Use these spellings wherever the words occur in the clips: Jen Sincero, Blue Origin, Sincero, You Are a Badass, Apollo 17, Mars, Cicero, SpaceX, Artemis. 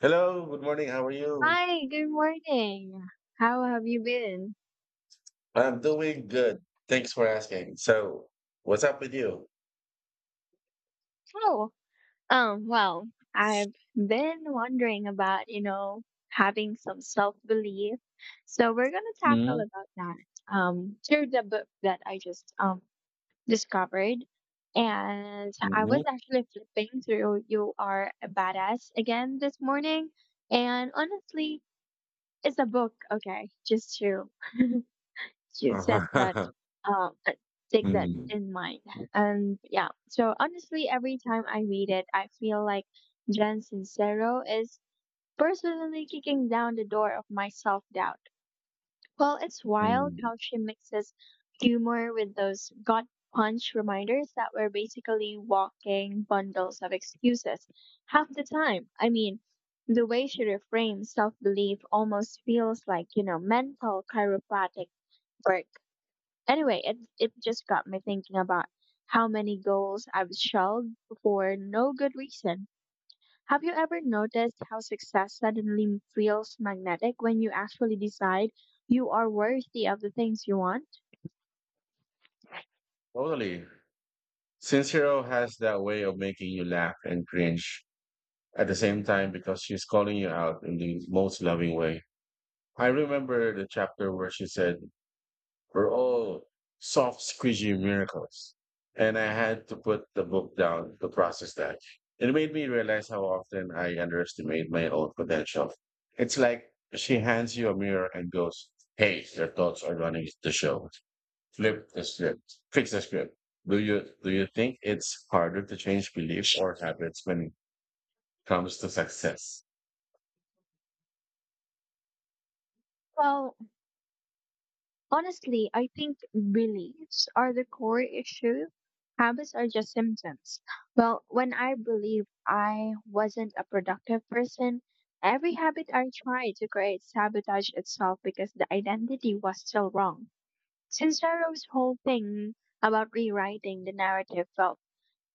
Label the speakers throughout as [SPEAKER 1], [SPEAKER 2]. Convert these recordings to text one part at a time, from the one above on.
[SPEAKER 1] Hello, good morning. How are you?
[SPEAKER 2] Hi, good morning. How have you been?
[SPEAKER 1] I'm doing good. Thanks for asking. So, what's up with you?
[SPEAKER 2] Oh, well, I've been wondering about, having some self-belief. So we're gonna tackle
[SPEAKER 1] Mm-hmm.
[SPEAKER 2] about that through the book that I just discovered. And I was
[SPEAKER 1] mm
[SPEAKER 2] actually flipping through You Are a Badass again this morning. And honestly, it's a book, okay, just to set that
[SPEAKER 1] Uh-huh.
[SPEAKER 2] um uh, take that
[SPEAKER 1] mm
[SPEAKER 2] in mind. And yeah, so honestly, every time I read it, I feel like Jen Sincero is personally kicking down the door of my self-doubt. Well, it's wild
[SPEAKER 1] mm.
[SPEAKER 2] how she mixes humor with those gut punch reminders that were basically walking bundles of excuses half the time. I mean, the way she reframes self-belief almost feels like, mental chiropractic work. Anyway, it just got me thinking about how many goals I've shelved for no good reason. Have you ever noticed how success suddenly feels magnetic when you actually decide you are worthy of the things you want?
[SPEAKER 1] Totally. Sincero has that way of making you laugh and cringe at the same time because she's calling you out in the most loving way. I remember the chapter where she said, were all soft, squishy miracles. And I had to put the book down to process that. It made me realize how often I underestimate my own potential. It's like she hands you a mirror and goes, "Hey, your thoughts are running the show. Flip the script. Fix the script." Do you think it's harder to change beliefs or habits when it comes to success?
[SPEAKER 2] Well, honestly, I think beliefs are the core issue. Habits are just symptoms. Well, when I believed I wasn't a productive person, every habit I tried to create sabotaged itself because the identity was still wrong. Sincero's whole thing about rewriting the narrative felt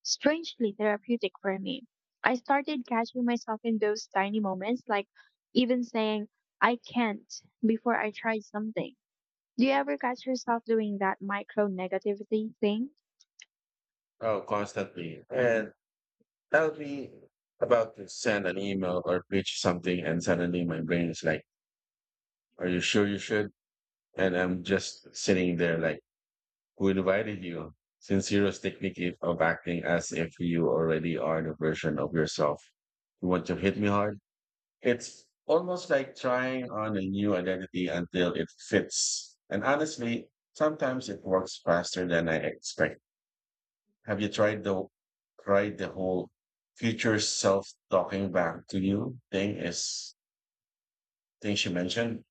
[SPEAKER 2] strangely therapeutic for me. I started catching myself in those tiny moments, like even saying, I can't, before I tried something. Do you ever catch yourself doing that micro negativity thing?
[SPEAKER 1] Oh, constantly. And I will be about to send an email or pitch something and suddenly my brain is like, "Are you sure you should?" And I'm just sitting there like, "Who invited you?" Since you technically of acting as if you already are the version of yourself. You want to hit me hard? It's almost like trying on a new identity until it fits. And honestly, sometimes it works faster than I expect. Have you tried the whole future self talking back to you thing she mentioned?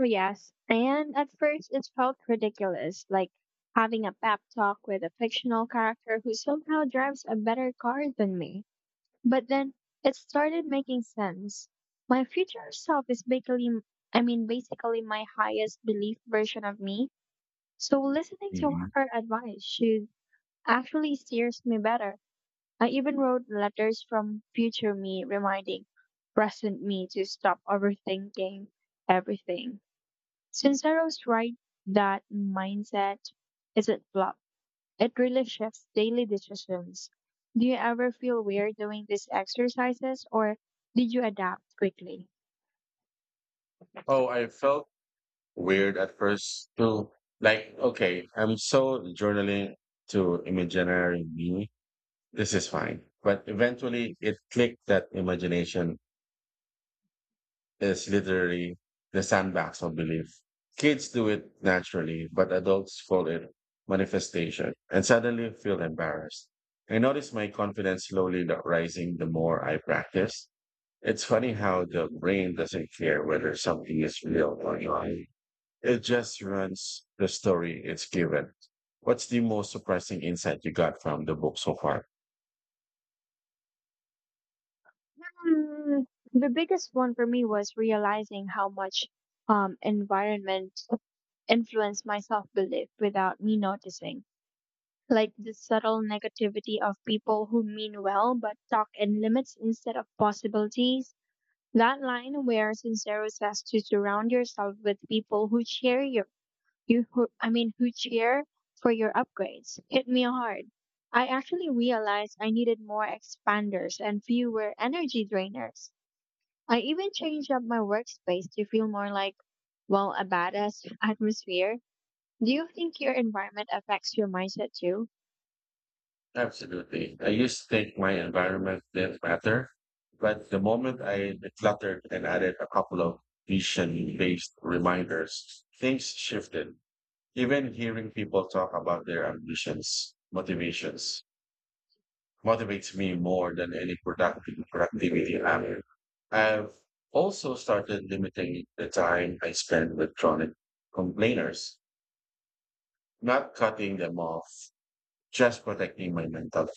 [SPEAKER 2] Oh, yes. And at first, it felt ridiculous, like having a pep talk with a fictional character who somehow drives a better car than me. But then it started making sense. My future self is basically, I mean, basically my highest belief version of me. So listening to
[SPEAKER 1] Mhm.
[SPEAKER 2] her advice should actually steers me better. I even wrote letters from future me reminding present me to stop overthinking everything. Since I was right that mindset isn't flop. It really shifts daily decisions. Do you ever feel weird doing these exercises or did you adapt quickly?
[SPEAKER 1] Oh, I felt weird at first to, like, okay, I'm so journaling to imaginary me. This is fine. But eventually it clicked that imagination is literally the sandbox of belief. Kids do it naturally, but adults call it manifestation and suddenly feel embarrassed. I notice my confidence rising the more I practice. It's funny how the brain doesn't care whether something is real or not. It just runs the story it's given. What's the most surprising insight you got from the book so far?
[SPEAKER 2] Hmm, the biggest one for me was realizing how much environment influenced my self belief without me noticing. Like the subtle negativity of people who mean well but talk in limits instead of possibilities. That line where Sincero says to surround yourself with people who cheer you, I mean, who cheer for your upgrades, hit me hard. I actually realized I needed more expanders and fewer energy drainers. I even changed up my workspace to feel more like, well, a badass atmosphere. Do you think your environment affects your mindset too?
[SPEAKER 1] Absolutely. I used to think my environment didn't matter, but the moment I decluttered and added a couple of vision based reminders, things shifted. Even hearing people talk about their ambitions, motivations, motivates me more than any productive productivity app. I've also started limiting the time I spend with chronic complainers, not cutting them off, just protecting my mental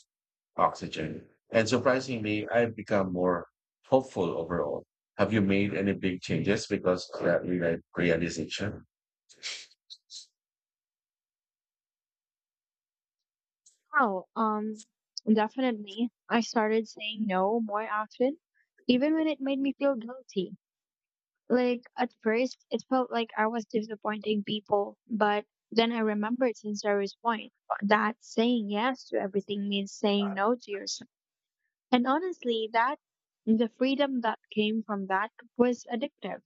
[SPEAKER 1] oxygen. And surprisingly, I've become more hopeful overall. Have you made any big changes because of realization?
[SPEAKER 2] Oh, definitely. I started saying no more often, even when it made me feel guilty. Like, at first, it felt like I was disappointing people, but then I remembered Sincero's point that saying yes to everything means saying no to yourself. And honestly, that the freedom that came from that was addictive.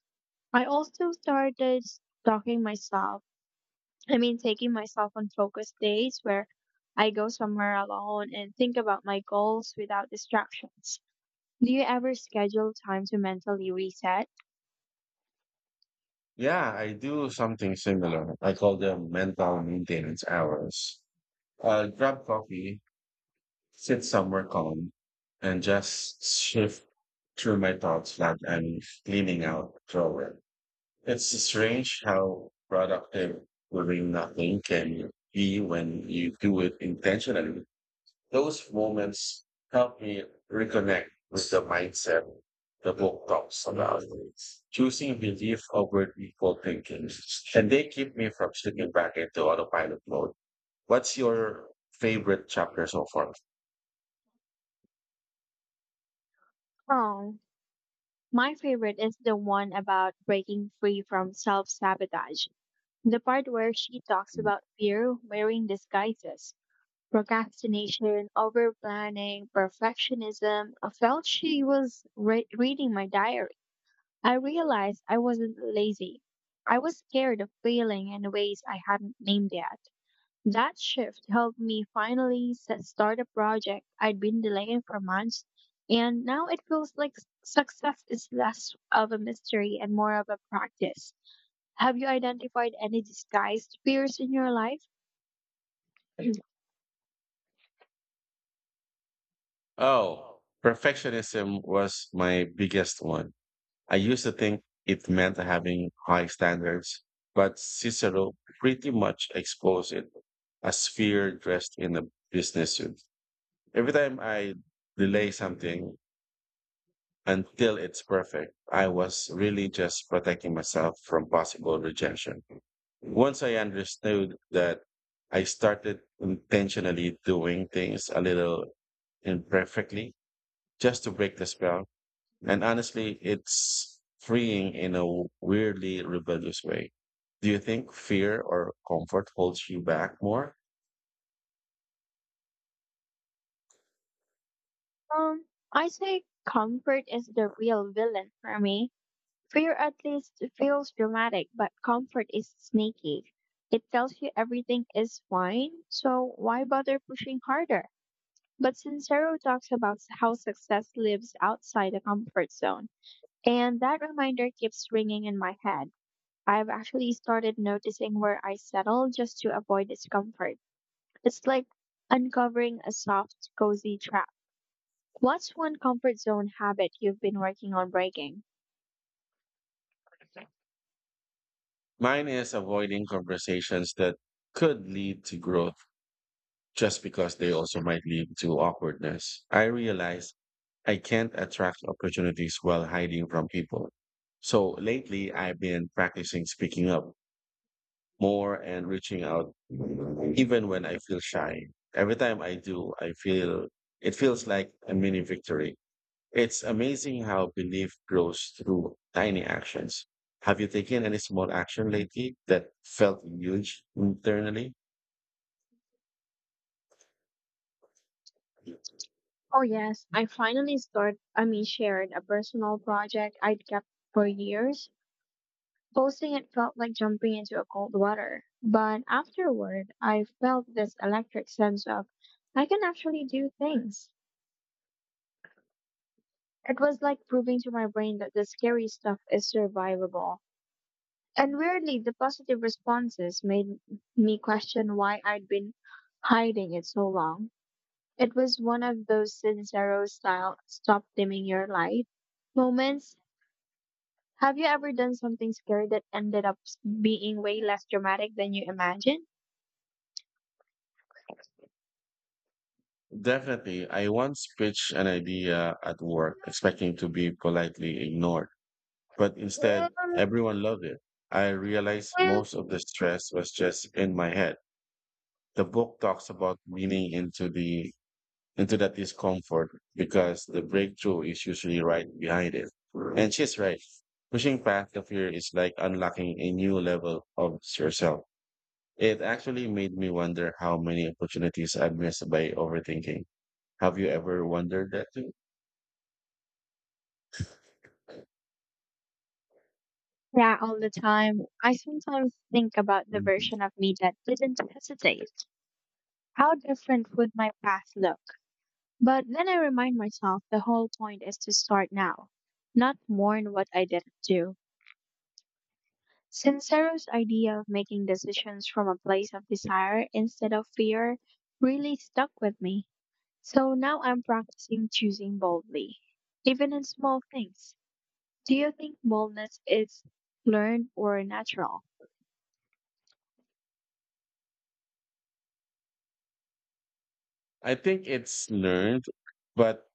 [SPEAKER 2] I also started stalking myself, I mean, taking myself on focus days where I go somewhere alone and think about my goals without distractions. Do you ever schedule time to mentally reset?
[SPEAKER 1] Yeah, I do something similar. I call them mental maintenance hours. I'll grab coffee, sit somewhere calm, and just shift through my thoughts like I'm cleaning out a drawer. It's strange how productive doing nothing can be when you do it intentionally. Those moments help me reconnect with the mindset the book talks about. Choosing belief over default thinking. And they keep me from slipping back into autopilot mode. What's your favorite chapter so far?
[SPEAKER 2] Oh, my favorite is the one about breaking free from self sabotage. The part where she talks about fear wearing disguises, procrastination, over planning, perfectionism. I felt she was reading my diary. I realized I wasn't lazy. I was scared of failing in ways I hadn't named yet. That shift helped me finally start a project I'd been delaying for months, and now it feels like success is less of a mystery and more of a practice. Have you identified any disguised fears in your life?
[SPEAKER 1] Oh, perfectionism was my biggest one. I used to think it meant having high standards, but Cicero pretty much exposed it as fear dressed in a business suit. Every time I delay something until it's perfect, I was really just protecting myself from possible rejection. Once I understood that, I started intentionally doing things a little imperfectly just to break the spell. And honestly, it's freeing in a weirdly rebellious way. Do you think fear or comfort holds you back more?
[SPEAKER 2] Um, I say comfort is the real villain for me. Fear at least feels dramatic, but comfort is sneaky. It tells you everything is fine, so why bother pushing harder? But Sincero talks about how success lives outside the comfort zone, and that reminder keeps ringing in my head. I've actually started noticing where I settle just to avoid discomfort. It's like uncovering a soft, cozy trap. What's one comfort zone habit you've been working on breaking?
[SPEAKER 1] Mine is avoiding conversations that could lead to growth just because they also might lead to awkwardness. I realize I can't attract opportunities while hiding from people. So lately, I've been practicing speaking up more and reaching out, even when I feel shy. Every time I do, I feel it feels like a mini victory. It's amazing how belief grows through tiny actions. Have you taken any small action lately that felt huge internally?
[SPEAKER 2] Oh yes, I finally start I mean, shared a personal project I'd kept for years. Posting it felt like jumping into a cold water. But afterward I felt this electric sense of I can actually do things. It was like proving to my brain that the scary stuff is survivable. And weirdly the positive responses made me question why I'd been hiding it so long. It was one of those Sincero style stop dimming your light moments. Have you ever done something scary that ended up being way less dramatic than you imagined?
[SPEAKER 1] Definitely. I once pitched an idea at work expecting to be politely ignored, but instead, everyone loved it. I realized most of the stress was just in my head. The book talks about leaning into that discomfort because the breakthrough is usually right behind it. And she's right. Pushing past the fear is like unlocking a new level of yourself. It actually made me wonder how many opportunities I missed by overthinking. Have you ever wondered that too?
[SPEAKER 2] Yeah, all the time. I sometimes think about the version of me that didn't hesitate. How different would my path look? But then I remind myself the whole point is to start now, not mourn what I didn't do. Sincero's idea of making decisions from a place of desire instead of fear really stuck with me. So now I'm practicing choosing boldly, even in small things. Do you think boldness is learned or natural?
[SPEAKER 1] I think it's learned, but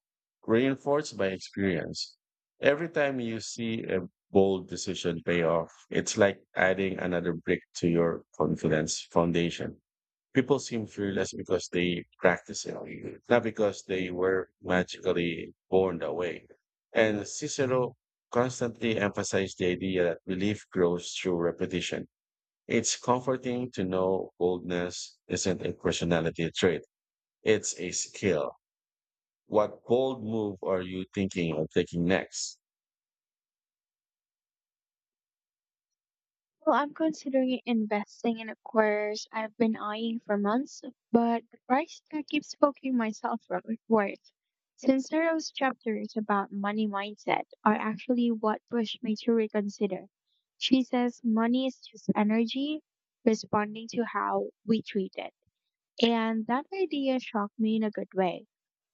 [SPEAKER 1] reinforced by experience. Every time you see a bold decision pay off, it's like adding another brick to your confidence foundation. People seem fearless because they practice it, not because they were magically born that way. And Cicero constantly emphasized the idea that belief grows through repetition. It's comforting to know boldness isn't a personality trait, it's a skill. What bold move are you thinking of taking next?
[SPEAKER 2] Well, I'm considering investing in a course I've been eyeing for months, but the price tag keeps poking myself for it worth. Sincero's chapters about money mindset are actually what pushed me to reconsider. She says money is just energy responding to how we treat it. And that idea shocked me in a good way.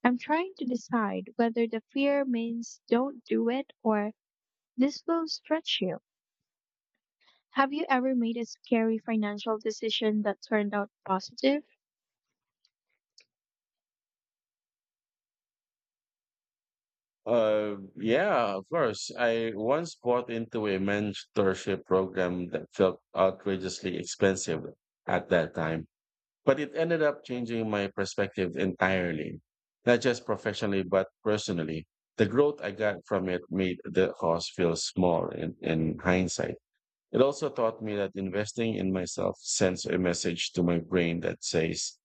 [SPEAKER 2] I'm trying to decide whether the fear means don't do it or this will stretch you. Have you ever made a scary financial decision that turned out positive?
[SPEAKER 1] Yeah, of course. I once bought into a mentorship program that felt outrageously expensive at that time. But it ended up changing my perspective entirely, not just professionally, but personally. The growth I got from it made the cost feel small in hindsight. It also taught me that investing in myself sends a message to my brain that says,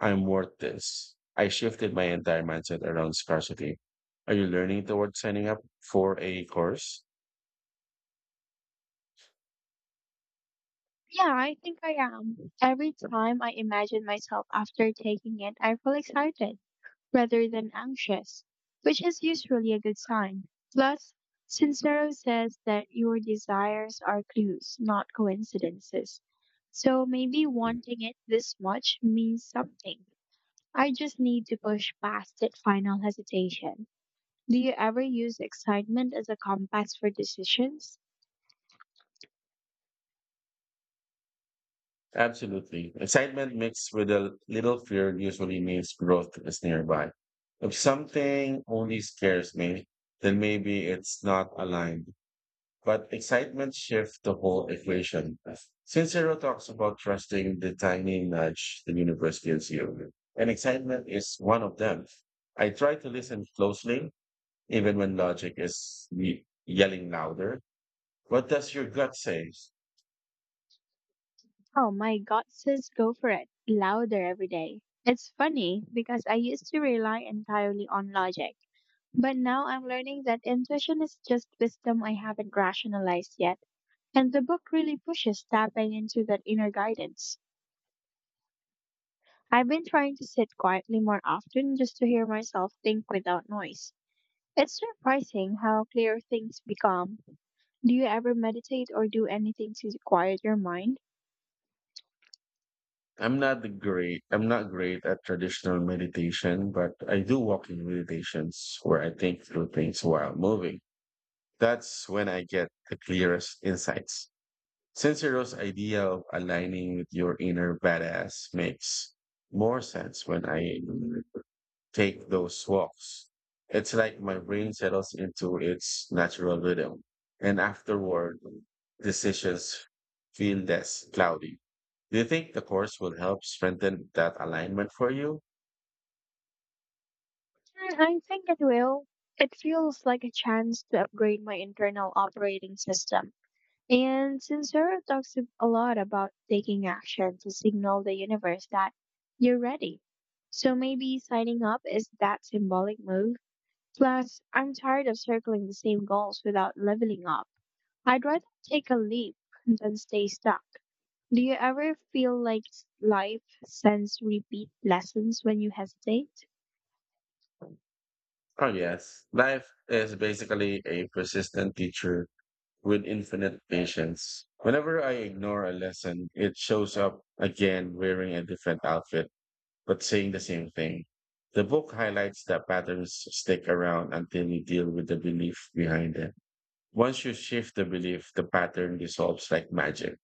[SPEAKER 1] "I'm worth this." I shifted my entire mindset around scarcity. Are you learning towards signing up for a course?
[SPEAKER 2] Yeah, I think I am. Every time I imagine myself after taking it, I feel excited rather than anxious, which is usually a good sign. Plus, Sincero says that your desires are clues, not coincidences. So maybe wanting it this much means something. I just need to push past that final hesitation. Do you ever use excitement as a compass for decisions?
[SPEAKER 1] Absolutely. Excitement mixed with a little fear usually means growth is nearby. If something only scares me, then maybe it's not aligned. But excitement shifts the whole equation. Sincero talks about trusting the tiny nudge the universe gives you, and excitement is one of them. I try to listen closely, even when logic is yelling louder. What does your gut say?
[SPEAKER 2] Oh, my gut says go for it, louder every day. It's funny because I used to rely entirely on logic, but now I'm learning that intuition is just wisdom I haven't rationalized yet. And the book really pushes tapping into that inner guidance. I've been trying to sit quietly more often just to hear myself think without noise. It's surprising how clear things become. Do you ever meditate or do anything to quiet your mind?
[SPEAKER 1] I'm not the great. I'm not great at traditional meditation, but I do walking meditations where I think through things while moving. That's when I get the clearest insights. Sincero's idea of aligning with your inner badass makes more sense when I take those walks. It's like my brain settles into its natural rhythm. And afterward, decisions feel less cloudy. Do you think the course will help strengthen that alignment for you?
[SPEAKER 2] Mm, I think it will. It feels like a chance to upgrade my internal operating system. And Sincero talks a lot about taking action to signal the universe that you're ready. So maybe signing up is that symbolic move. Plus, I'm tired of circling the same goals without leveling up. I'd rather take a leap than stay stuck. Do you ever feel like life sends repeat lessons when you hesitate?
[SPEAKER 1] Oh, yes. Life is basically a persistent teacher with infinite patience. Whenever I ignore a lesson, it shows up again wearing a different outfit, but saying the same thing. The book highlights that patterns stick around until you deal with the belief behind them. Once you shift the belief, the pattern dissolves like magic.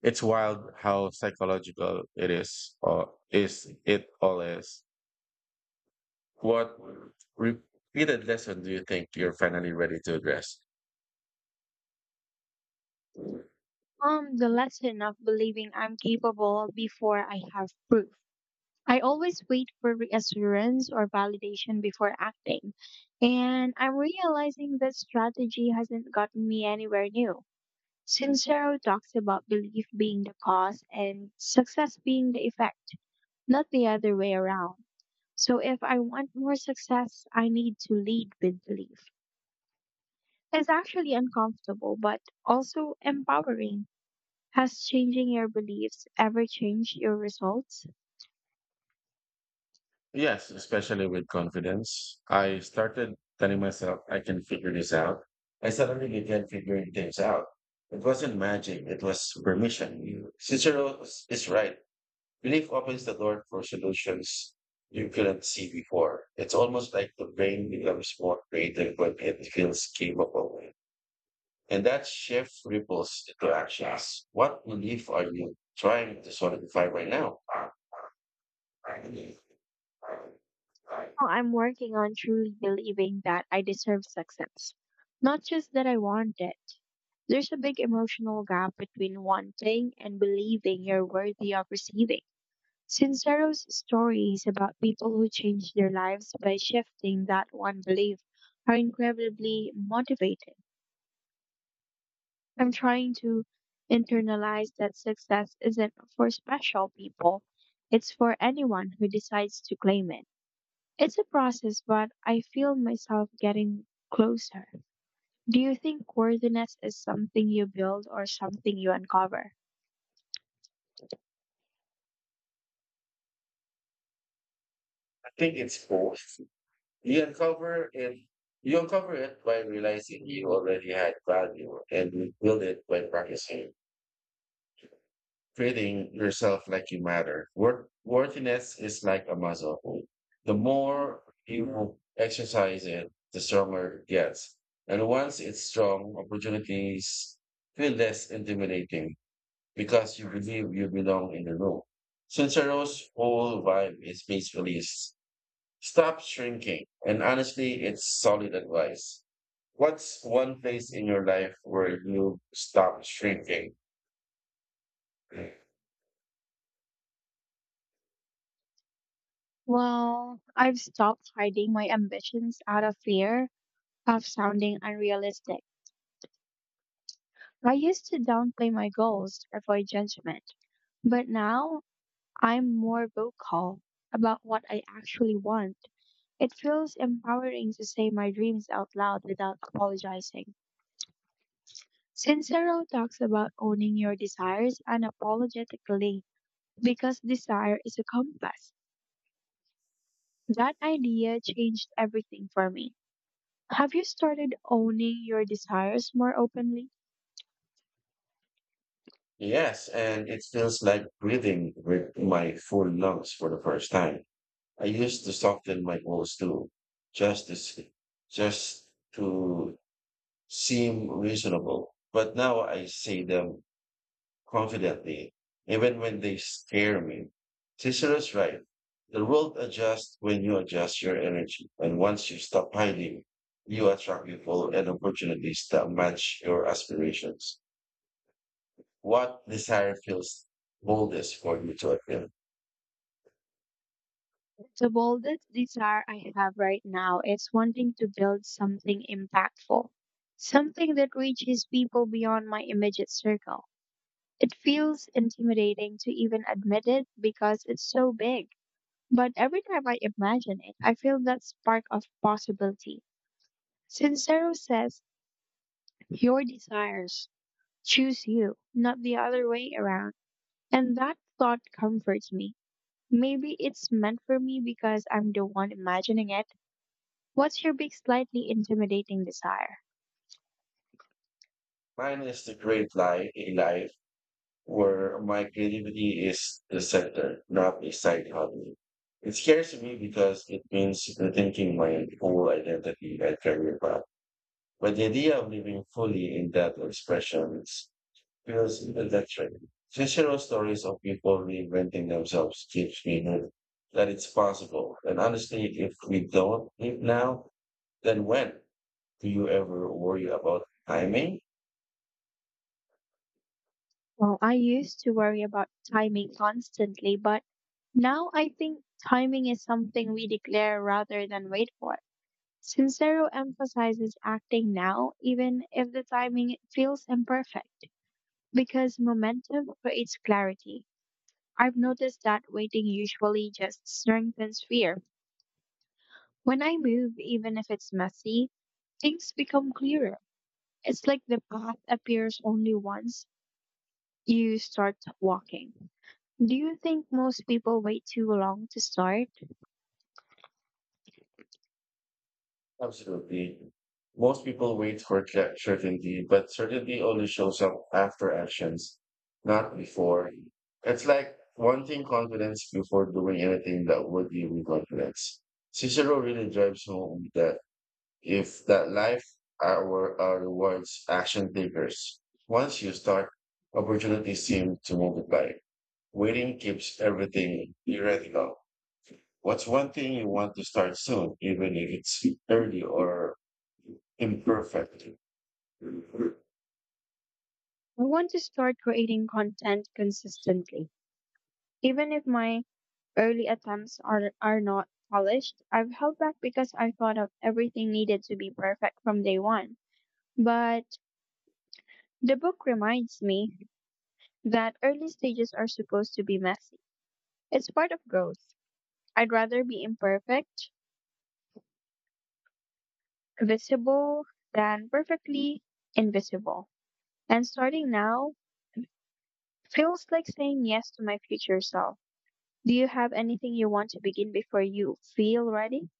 [SPEAKER 1] It's wild how psychological it is, or is it all is. What repeated lesson do you think you're finally ready to address?
[SPEAKER 2] The lesson of believing I'm capable before I have proof. I always wait for reassurance or validation before acting, and I'm realizing that strategy hasn't gotten me anywhere new. Sincero talks about belief being the cause and success being the effect, not the other way around. So if I want more success, I need to lead with belief. It's actually uncomfortable, but also empowering. Has changing your beliefs ever changed your results?
[SPEAKER 1] Yes, especially with confidence. I started telling myself I can figure this out. I suddenly began figuring things out. It wasn't magic, it was permission. Cicero is right. Belief opens the door for solutions you couldn't see before. It's almost like the brain becomes more creative when it feels capable. And that shift ripples into actions. What belief are you trying to solidify right now?
[SPEAKER 2] Well, I'm working on truly believing that I deserve success, not just that I want it. There's a big emotional gap between wanting and believing you're worthy of receiving. Sincero's stories about people who change their lives by shifting that one belief are incredibly motivating. I'm trying to internalize that success isn't for special people, it's for anyone who decides to claim it. It's a process, but I feel myself getting closer. Do you think worthiness is something you build or something you uncover?
[SPEAKER 1] I think it's both. You uncover it. You uncover it by realizing you already had value, and you build it by practicing, treating yourself like you matter. Worthiness is like a muscle. The more you exercise it, the stronger it gets. And once it's strong, opportunities feel less intimidating because you believe you belong in the room. Since a rose whole vibe is peacefully stop shrinking. And honestly, it's solid advice. What's one place in your life where you stop shrinking?
[SPEAKER 2] Well, I've stopped hiding my ambitions out of fear of sounding unrealistic. I used to downplay my goals to avoid judgment, but now I'm more vocal about what I actually want. It feels empowering to say my dreams out loud without apologizing. Sincero talks about owning your desires unapologetically because desire is a compass. That idea changed everything for me. Have you started owning your desires more openly?
[SPEAKER 1] Yes, and it feels like breathing with my full lungs for the first time. I used to soften my goals too, just to see, just to seem reasonable. But now I see them confidently, even when they scare me. Cicero's right. The world adjusts when you adjust your energy. And once you stop hiding, you attract people and opportunities that match your aspirations. What desire feels boldest for you to attain?
[SPEAKER 2] The boldest desire I have right now is wanting to build something impactful, something that reaches people beyond my immediate circle. It feels intimidating to even admit it because it's so big. But every time I imagine it, I feel that spark of possibility. Sincero says, your desires choose you, not the other way around. And that thought comforts me. Maybe it's meant for me because I'm the one imagining it. What's your big, slightly intimidating desire?
[SPEAKER 1] Mine is to a life where my creativity is the center, not a side hobby. It scares me because it means rethinking my whole identity and career path. But the idea of living fully in that feels electric. Fictional stories of people reinventing themselves keeps me hooked that it's possible. And honestly, if we don't live now, then when? Do you ever worry about timing?
[SPEAKER 2] Well, I used to worry about timing constantly, but now I think timing is something we declare rather than wait for. Sincero emphasizes acting now, even if the timing feels imperfect, because momentum creates clarity. I've noticed that waiting usually just strengthens fear. When I move, even if it's messy, things become clearer. It's like the path appears only once you start walking. Do you think most people wait too long to start?
[SPEAKER 1] Absolutely. Most people wait for certainty, but certainty only shows up after actions, not before. It's like wanting confidence before doing anything that would give you confidence. Cicero really drives home that if that life our rewards action takers. Once you start, opportunities seem to multiply. Waiting keeps everything theoretical. What's one thing you want to start soon, even if it's early or imperfect?
[SPEAKER 2] I want to start creating content consistently. Even if my early attempts are not polished, I've held back because I thought of everything needed to be perfect from day one. But the book reminds me that early stages are supposed to be messy. It's part of growth. I'd rather be imperfect, visible, than perfectly invisible. And starting now feels like saying yes to my future self. Do you have anything you want to begin before you feel ready?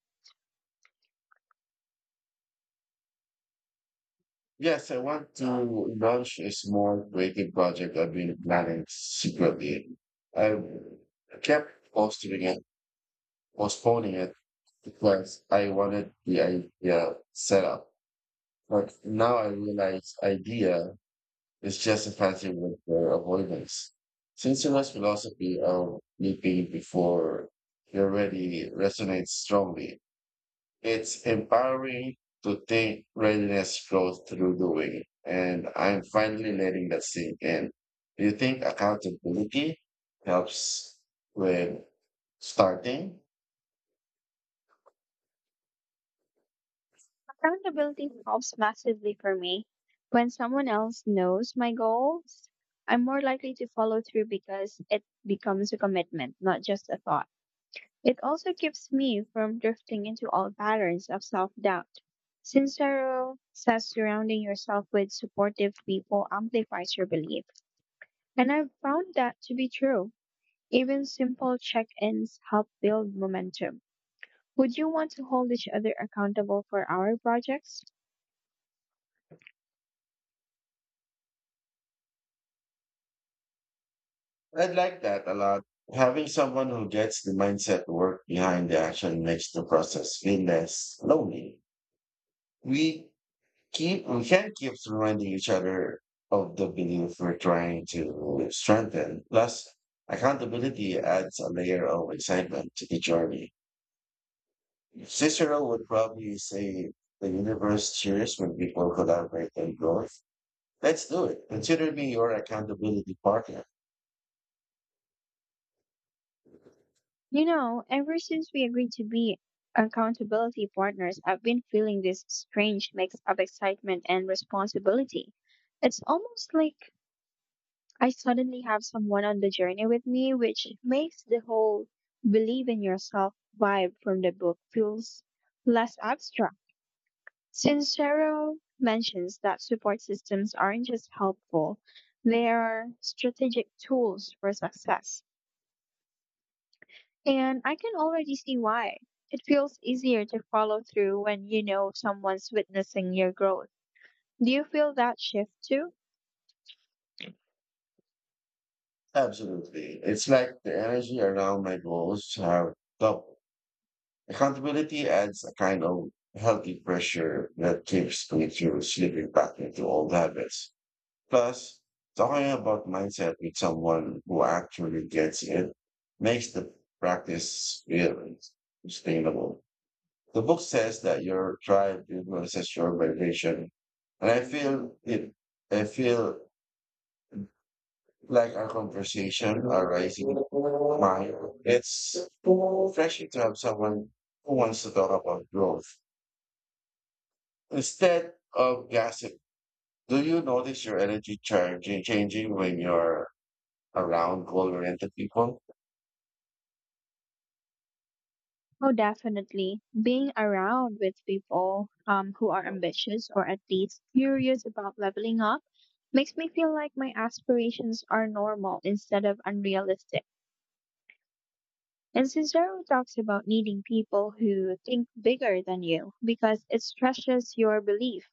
[SPEAKER 1] Yes, I want to launch a small creative project I've been planning secretly. I kept posting it, postponing it because I wanted the idea set up. But now I realize idea is just effective with their avoidance. Since your philosophy of leaping before you're ready resonates strongly, it's empowering to think readiness flows through doing, and I'm finally letting that sink in. Do you think accountability helps with starting?
[SPEAKER 2] Accountability helps massively for me. When someone else knows my goals, I'm more likely to follow through because it becomes a commitment, not just a thought. It also keeps me from drifting into old patterns of self doubt. Sincero says surrounding yourself with supportive people amplifies your belief, and I've found that to be true. Even simple check-ins help build momentum. Would you want to hold each other accountable for our projects?
[SPEAKER 1] I like that a lot. Having someone who gets the mindset work behind the action makes the process feel less lonely. We we can't keep reminding each other of the belief we're trying to strengthen. Plus, accountability adds a layer of excitement to the journey. Cicero would probably say the universe cheers when people collaborate and grow. Let's do it. Consider me your accountability partner.
[SPEAKER 2] You know, ever since we agreed to be accountability partners, I've been feeling this strange mix of excitement and responsibility. It's almost like I suddenly have someone on the journey with me, which makes the whole believe in yourself vibe from the book feels less abstract. Sincero mentions that support systems aren't just helpful, they are strategic tools for success. And I can already see why. It feels easier to follow through when you know someone's witnessing your growth. Do you feel that shift too?
[SPEAKER 1] Absolutely. It's like the energy around my goals have doubled. Accountability adds a kind of healthy pressure that keeps me from slipping back into old habits. Plus, talking about mindset with someone who actually gets it makes the practice feel sustainable. The book says that your drive influences your vibration, and I feel it. I feel like our conversation arising mind. It's refreshing to have someone who wants to talk about growth instead of gossip. Do you notice your energy charge changing when you're around goal-oriented people?
[SPEAKER 2] Oh, definitely. Being around with people, who are ambitious or at least curious about leveling up, makes me feel like my aspirations are normal instead of unrealistic. And Cicero talks about needing people who think bigger than you because it stretches your belief.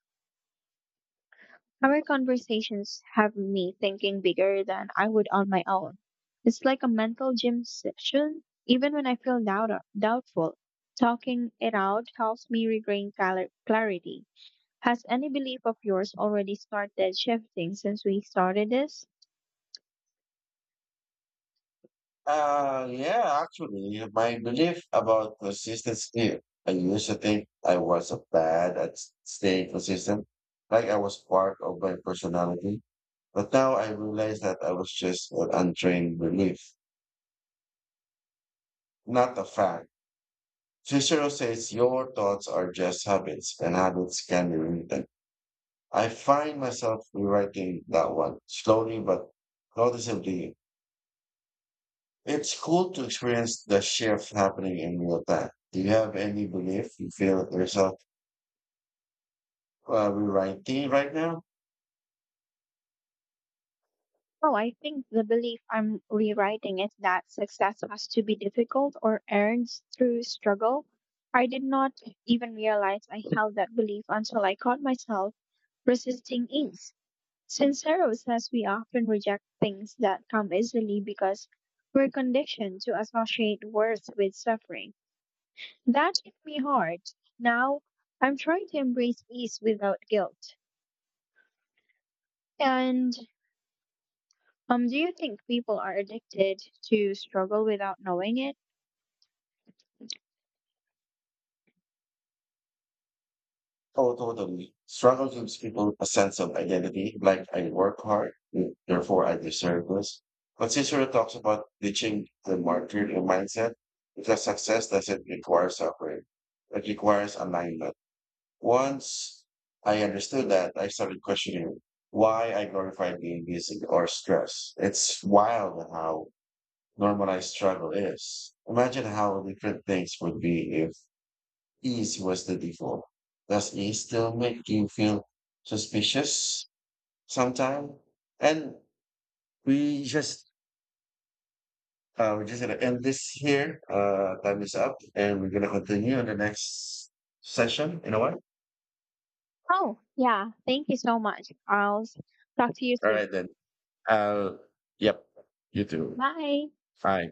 [SPEAKER 2] Our conversations have me thinking bigger than I would on my own. It's like a mental gym session. Even when I feel doubtful, talking it out helps me regain clarity. Has any belief of yours already started shifting since we started this?
[SPEAKER 1] Yeah, actually, my belief about consistency. I used to think I was bad at staying consistent, like I was part of my personality. But now I realize that I was just an untrained belief, not a fact. Cicero says your thoughts are just habits, and habits can be written. I find myself rewriting that one slowly but noticeably. It's cool to experience the shift happening in real time. Do you have any belief you feel yourself rewriting right now?
[SPEAKER 2] Oh, I think the belief I'm rewriting is that success has to be difficult or earned through struggle. I did not even realize I held that belief until I caught myself resisting ease. Sincero says we often reject things that come easily because we're conditioned to associate worth with suffering. That hit me hard. Now I'm trying to embrace ease without guilt. And do you think people are addicted to struggle without knowing it?
[SPEAKER 1] Oh, totally. Struggle gives people a sense of identity, like, "I work hard, therefore I deserve this." But Cicero talks about ditching the martyrdom mindset because success doesn't require suffering. It requires alignment. Once I understood that, I started questioning why I glorified being busy or stress. It's wild how normalized struggle is. Imagine how different things would be if ease was the default. Does ease still make you feel suspicious sometimes? And we just we're just gonna end this here. Time is up, and we're gonna continue in the next session in a while.
[SPEAKER 2] Oh, yeah. Thank you so much. Talk to you
[SPEAKER 1] All
[SPEAKER 2] soon.
[SPEAKER 1] right then. Uh, yep. You too.
[SPEAKER 2] Bye.
[SPEAKER 1] Bye.